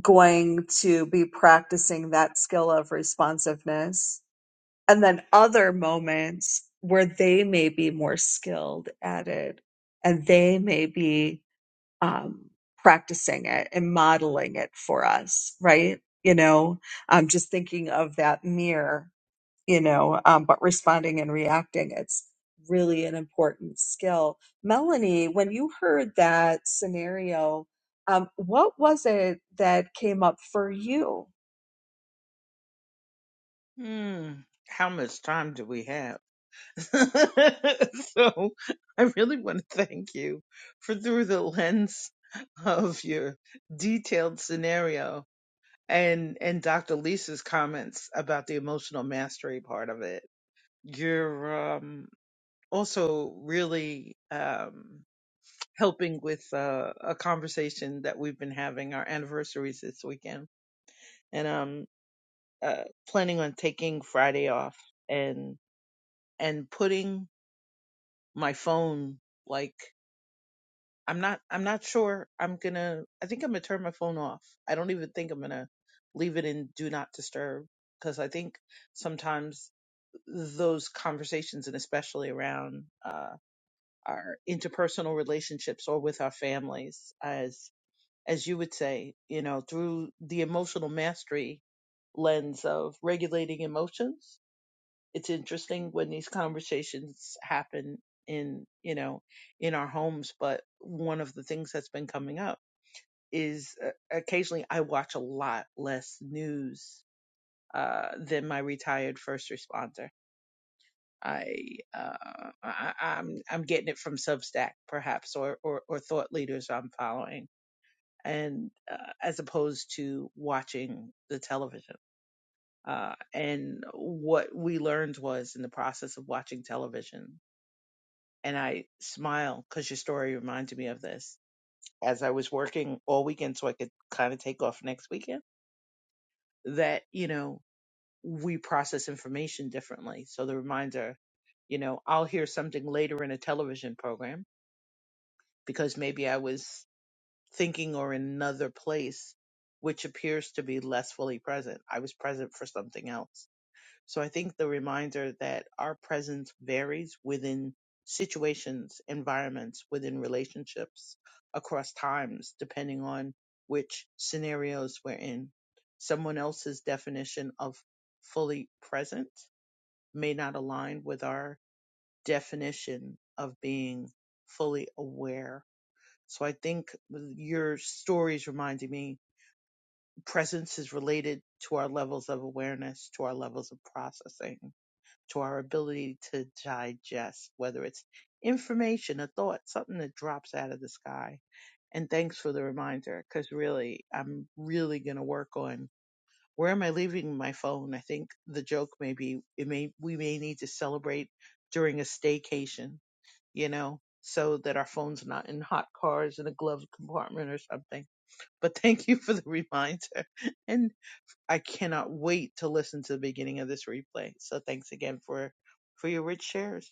Speaker 1: going to be practicing that skill of responsiveness and then other moments where they may be more skilled at it and they may be um, practicing it and modeling it for us right you know i'm just thinking of that mirror you know um, but responding and reacting it's really an important skill melanie when you heard that scenario um, what was it that came up for you
Speaker 4: Hmm, how much time do we have [LAUGHS] so I really want to thank you for through the lens of your detailed scenario and and Dr. Lisa's comments about the emotional mastery part of it. You're um, also really um, helping with uh, a conversation that we've been having. Our anniversaries this weekend, and um, uh, planning on taking Friday off and and putting my phone like. I'm not I'm not sure I'm gonna I think I'm gonna turn my phone off. I don't even think I'm gonna leave it in do not disturb because I think sometimes those conversations and especially around uh our interpersonal relationships or with our families as as you would say, you know, through the emotional mastery lens of regulating emotions it's interesting when these conversations happen in you know in our homes but one of the things that's been coming up is uh, occasionally i watch a lot less news uh than my retired first responder i uh I, i'm i'm getting it from substack perhaps or or, or thought leaders i'm following and uh, as opposed to watching the television uh, and what we learned was in the process of watching television and I smile because your story reminded me of this. As I was working all weekend, so I could kind of take off next weekend, that, you know, we process information differently. So the reminder, you know, I'll hear something later in a television program because maybe I was thinking or in another place, which appears to be less fully present. I was present for something else So I think the reminder that our presence varies within situations, environments, within relationships, across times, depending on which scenarios we're in. Someone else's definition of fully present may not align with our definition of being fully aware. So I think your story is reminding me presence is related to our levels of awareness, to our levels of processing to our ability to digest, whether it's information, a thought, something that drops out of the sky. And thanks for the reminder, because really, I'm really going to work on where am I leaving my phone. I think the joke may be it may we may need to celebrate during a staycation, you know, so that our phone's not in hot cars in a gloved compartment or something. But thank you for the reminder, [LAUGHS] and I cannot wait to listen to the beginning of this replay. So thanks again for for your rich shares.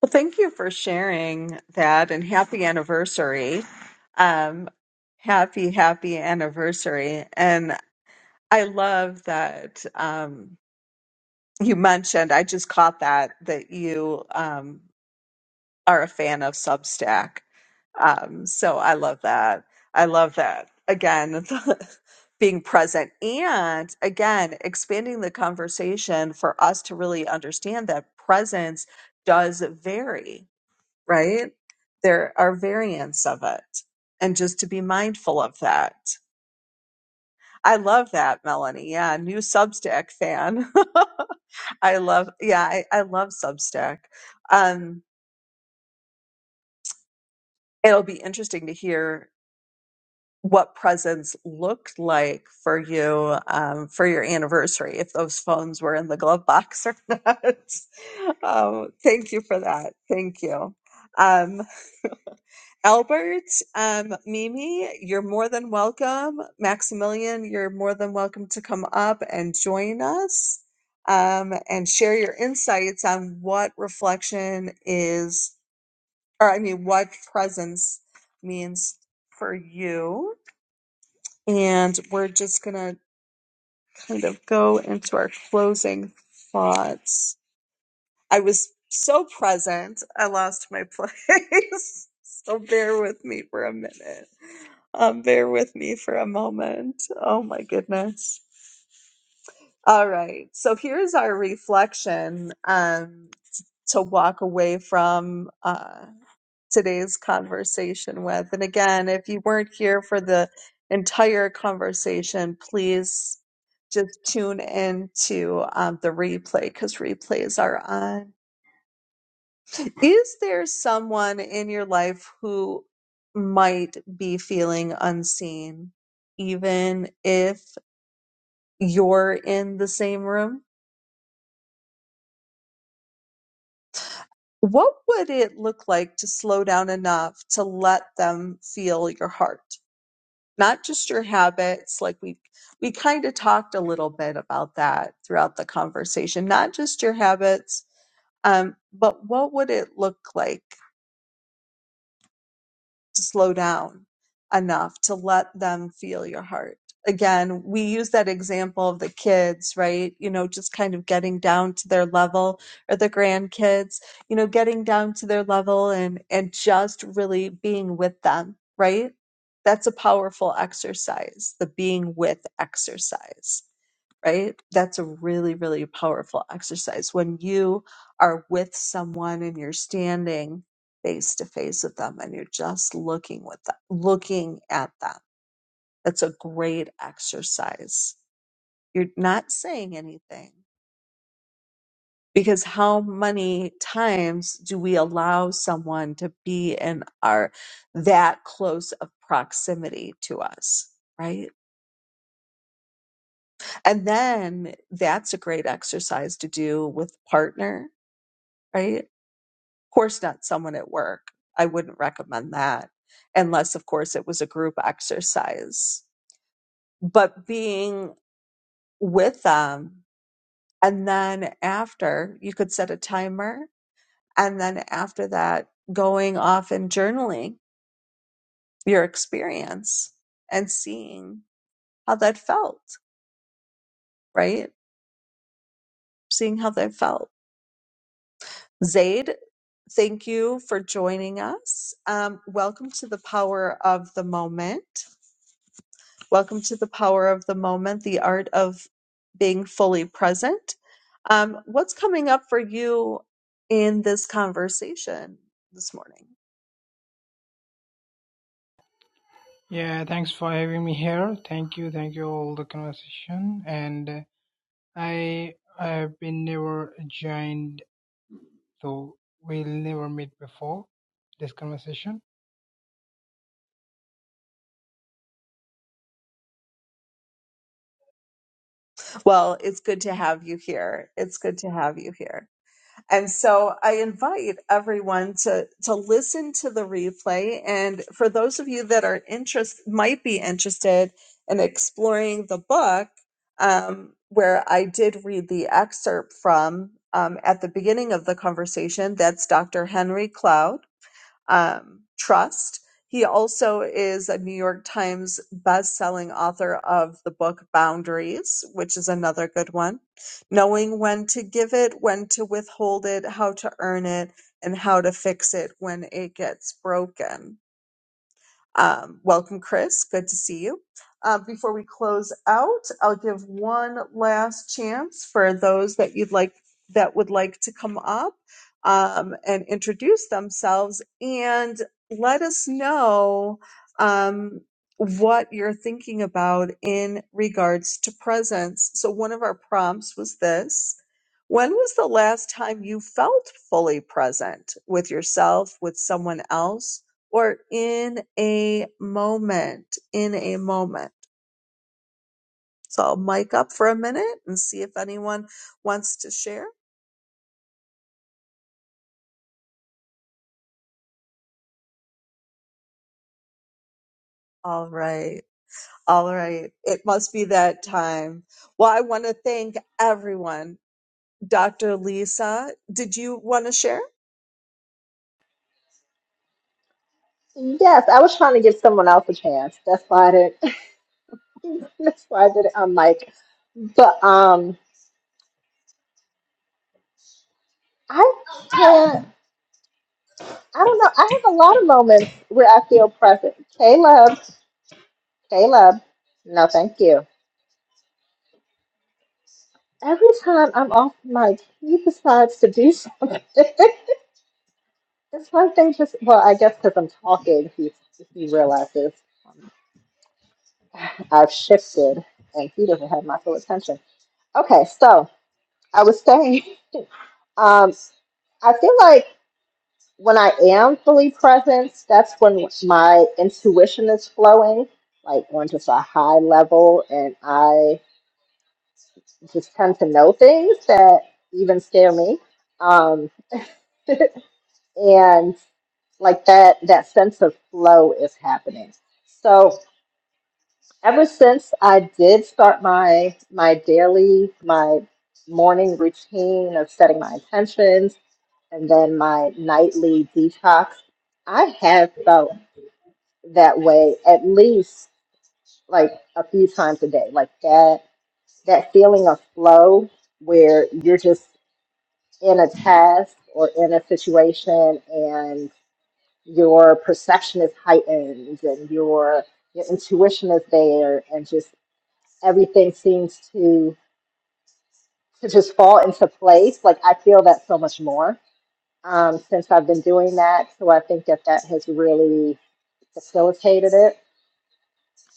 Speaker 1: Well, thank you for sharing that and happy anniversary. Um, happy, happy anniversary. And I love that um, you mentioned, I just caught that, that you um, are a fan of Substack. Um, so I love that. I love that. Again, [LAUGHS] being present and again, expanding the conversation for us to really understand that presence does vary right? There are variants of it. And just to be mindful of that. I love that, Melanie. Yeah, new Substack fan. [LAUGHS] I love, yeah, I, I love Substack. Um, it'll be interesting to hear what presents looked like for you um, for your anniversary, if those phones were in the glove box or [LAUGHS] not. um, thank you for that. Thank you. Um, [LAUGHS] Albert, um, Mimi, you're more than welcome. Maximilian, you're more than welcome to come up and join us um, and share your insights on what reflection is, or I mean, what presence means for you. And we're just going to kind of go into our closing thoughts. I was so present, I lost my place. [LAUGHS] so bear with me for a minute. Um, bear with me for a moment. Oh my goodness. All right. So here's our reflection um, to walk away from uh, today's conversation with. And again, if you weren't here for the entire conversation, please just tune in to um, the replay because replays are on. Is there someone in your life who might be feeling unseen? even if you're in the same room, what would it look like to slow down enough to let them feel your heart? Not just your habits, like we we kind of talked a little bit about that throughout the conversation, not just your habits, um, but what would it look like to slow down enough to let them feel your heart. Again, we use that example of the kids, right? You know, just kind of getting down to their level or the grandkids, you know, getting down to their level and and just really being with them, right? That's a powerful exercise, the being with exercise right? That's a really, really powerful exercise. When you are with someone and you're standing face to face with them and you're just looking with them, looking at them, that's a great exercise. You're not saying anything because how many times do we allow someone to be in our that close of proximity to us, right? And then that's a great exercise to do with partner, right? course not someone at work i wouldn't recommend that unless of course it was a group exercise but being with them and then after you could set a timer and then after that going off and journaling your experience and seeing how that felt right seeing how that felt zaid thank you for joining us um, welcome to the power of the moment Welcome to the Power of the Moment, the art of being fully present. Um, what's coming up for you in this conversation this morning?
Speaker 5: Yeah, thanks for having me here. Thank you, thank you all the conversation. And uh, I I've been never joined, so we'll never meet before this conversation.
Speaker 1: Well, it's good to have you here. It's good to have you here. And so I invite everyone to to listen to the replay. And for those of you that are interest might be interested in exploring the book, um, where I did read the excerpt from um, at the beginning of the conversation, that's Dr. Henry Cloud um, trust. He also is a New York Times best-selling author of the book Boundaries, which is another good one. Knowing when to give it, when to withhold it, how to earn it, and how to fix it when it gets broken um, welcome, Chris. Good to see you. Uh, before we close out, I'll give one last chance for those that you'd like that would like to come up um, and introduce themselves and let us know um, what you're thinking about in regards to presence. So one of our prompts was this. When was the last time you felt fully present with yourself, with someone else, or in a moment, in a moment. So I'll mic up for a minute and see if anyone wants to share. All right. All right. It must be that time. Well, I want to thank everyone. Dr. Lisa, did you want to share?
Speaker 3: Yes, I was trying to give someone else a chance. That's why I didn't. [LAUGHS] That's why I didn't. I'm like, but um, I can't. I don't know. I have a lot of moments where I feel present. Caleb, Caleb, no, thank you. Every time I'm off mic, he decides to do something. [LAUGHS] it's one thing. Just well, I guess because I'm talking, he he realizes I've shifted, and he doesn't have my full attention. Okay, so I was saying, um, I feel like. when I am fully present, that's when my intuition is flowing, like on just a high level, and I just tend to know things that even scare me. Um, and like that, that sense of flow is happening. So ever since I did start my my daily, my morning routine of setting my intentions and then my nightly detox, I have felt that way at least like a few times a day like that that feeling of flow where you're just in a task or in a situation and your perception is heightened and your your intuition is there and just everything seems to to just fall into place like i feel that so much more um, since i've been doing that so i think that that has really facilitated it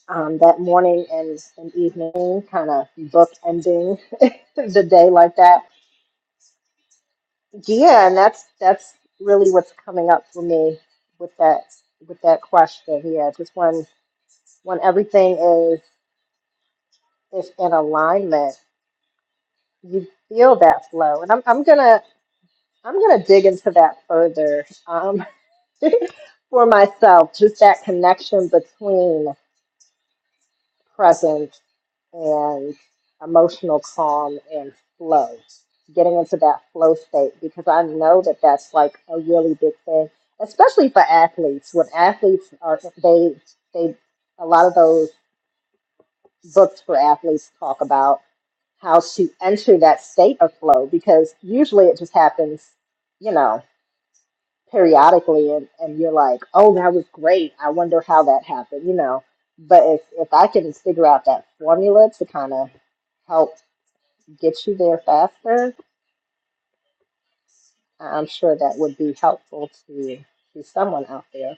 Speaker 3: um, that morning and, and evening, kind of bookending [LAUGHS] the day like that. Yeah, and that's that's really what's coming up for me with that with that question. Yeah, just when when everything is is in alignment, you feel that flow. And I'm I'm gonna I'm gonna dig into that further um, [LAUGHS] for myself. Just that connection between present and emotional calm and flow getting into that flow state because i know that that's like a really big thing especially for athletes when athletes are they they a lot of those books for athletes talk about how to enter that state of flow because usually it just happens you know periodically and, and you're like, oh, that was great. I wonder how that happened, you know. But if, if I can figure out that formula to kind of help get you there faster, I'm sure that would be helpful to, to someone out there.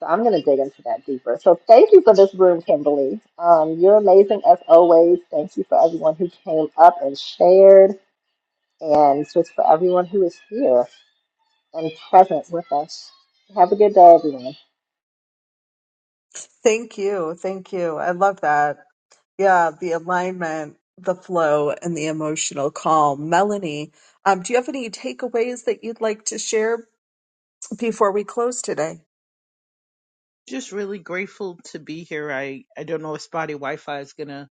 Speaker 3: So I'm going to dig into that deeper. So thank you for this room, Kimberly. Um, you're amazing as always. Thank you for everyone who came up and shared, and just for everyone who is here and present with us. Have a good day, everyone.
Speaker 1: Thank you. Thank you. I love that. Yeah, the alignment, the flow, and the emotional calm. Melanie, um, do you have any takeaways that you'd like to share before we close today?
Speaker 4: Just really grateful to be here. I I don't know if spotty Wi-Fi is gonna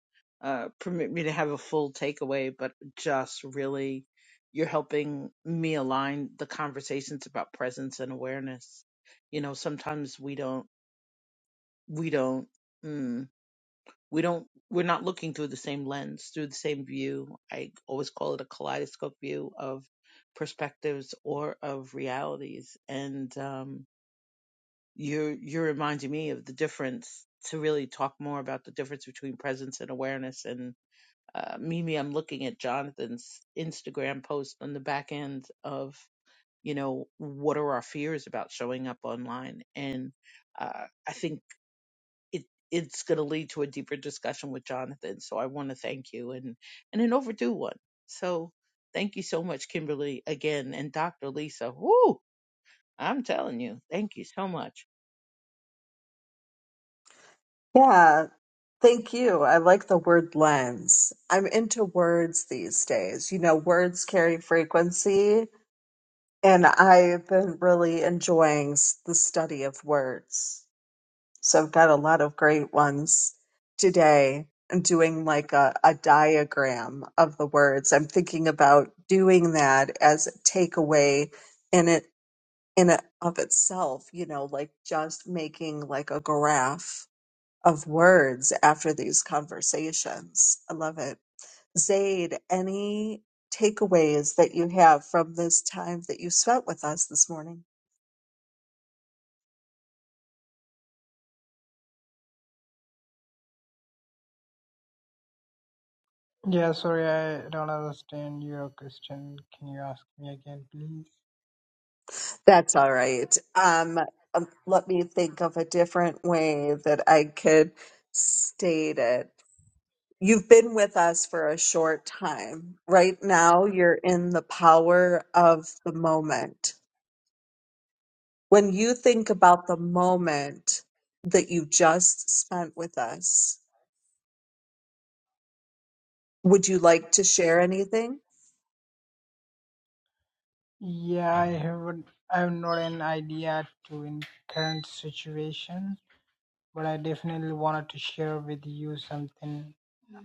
Speaker 4: uh, permit me to have a full takeaway, but just really you're helping me align the conversations about presence and awareness. You know, sometimes we don't we don't. mm, we don't we're not looking through the same lens through the same view i always call it a kaleidoscope view of perspectives or of realities and um, you're you're reminding me of the difference to really talk more about the difference between presence and awareness and uh, mimi i'm looking at jonathan's instagram post on the back end of you know what are our fears about showing up online and uh, i think it it's going to lead to a deeper discussion with Jonathan. So I want to thank you and and an overdue one. So thank you so much, Kimberly, again, and Dr. Lisa. Whoo, I'm telling you, thank you so much.
Speaker 1: Yeah, thank you. I like the word lens. I'm into words these days. You know, words carry frequency, and I've been really enjoying s- the study of words. So I've got a lot of great ones today. I'm doing like a, a diagram of the words. I'm thinking about doing that as a takeaway in it in it of itself, you know, like just making like a graph of words after these conversations. I love it. Zaid, any takeaways that you have from this time that you spent with us this morning?
Speaker 5: Yeah, sorry, I don't understand your question. Can you ask me again, please?
Speaker 1: That's all right. Um, um, let me think of a different way that I could state it. You've been with us for a short time. Right now, you're in the power of the moment. When you think about the moment that you just spent with us, Would you like to share anything?
Speaker 5: Yeah, I haven't. I have not an idea to in current situation, but I definitely wanted to share with you something.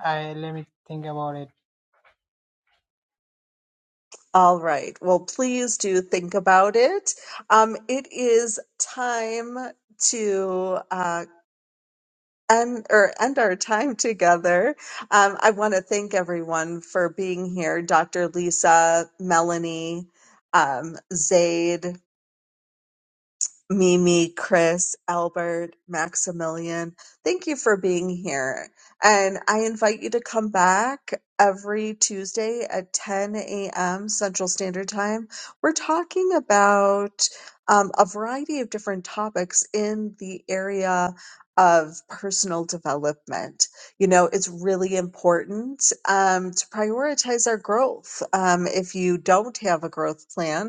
Speaker 5: I let me think about it.
Speaker 1: All right. Well, please do think about it. Um, it is time to uh, end or end our time together. Um, I want to thank everyone for being here, Dr. Lisa, Melanie, um, Zaid. Mimi, Chris, Albert, Maximilian, thank you for being here. And I invite you to come back every Tuesday at 10 a.m. Central Standard Time. We're talking about um, a variety of different topics in the area of personal development. You know, it's really important um, to prioritize our growth. Um, if you don't have a growth plan,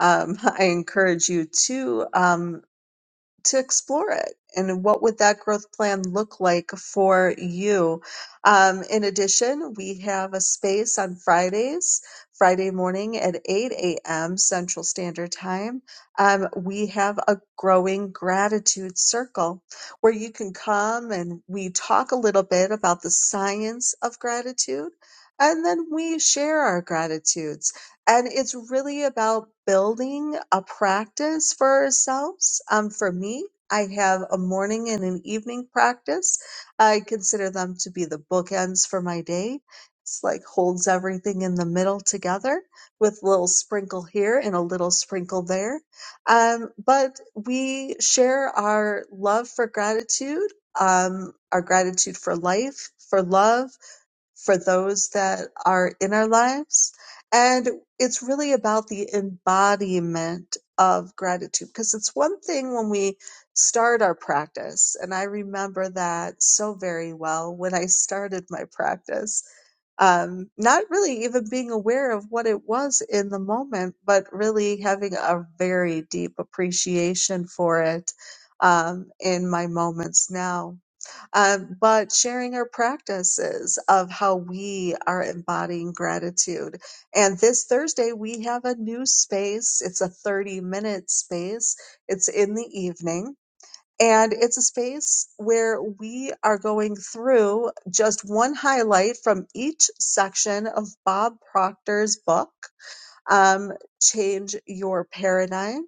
Speaker 1: um, [LAUGHS] I encourage you to um, to explore it. And what would that growth plan look like for you? Um, in addition, we have a space on Fridays, Friday morning at 8 a.m. Central Standard Time. Um, we have a growing gratitude circle where you can come and we talk a little bit about the science of gratitude, and then we share our gratitudes and it's really about building a practice for ourselves. Um, for me, I have a morning and an evening practice. I consider them to be the bookends for my day. It's like holds everything in the middle together with a little sprinkle here and a little sprinkle there. Um, but we share our love for gratitude, um, our gratitude for life, for love, for those that are in our lives. And it's really about the embodiment of gratitude because it's one thing when we start our practice. And I remember that so very well when I started my practice, um, not really even being aware of what it was in the moment, but really having a very deep appreciation for it um, in my moments now um, but sharing our practices of how we are embodying gratitude. And this Thursday, we have a new space. It's a 30 minute space, it's in the evening. And it's a space where we are going through just one highlight from each section of Bob Proctor's book, um, Change Your Paradigm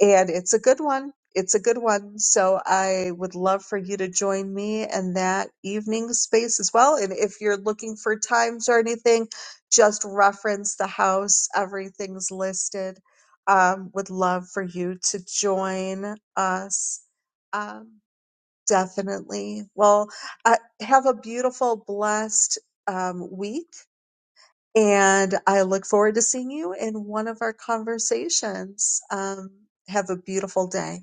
Speaker 1: and it's a good one. It's a good one. So I would love for you to join me in that evening space as well. And if you're looking for times or anything, just reference the house. Everything's listed. Um, would love for you to join us. Um, definitely. Well, uh, have a beautiful, blessed um, week. And I look forward to seeing you in one of our conversations. Um, have a beautiful day.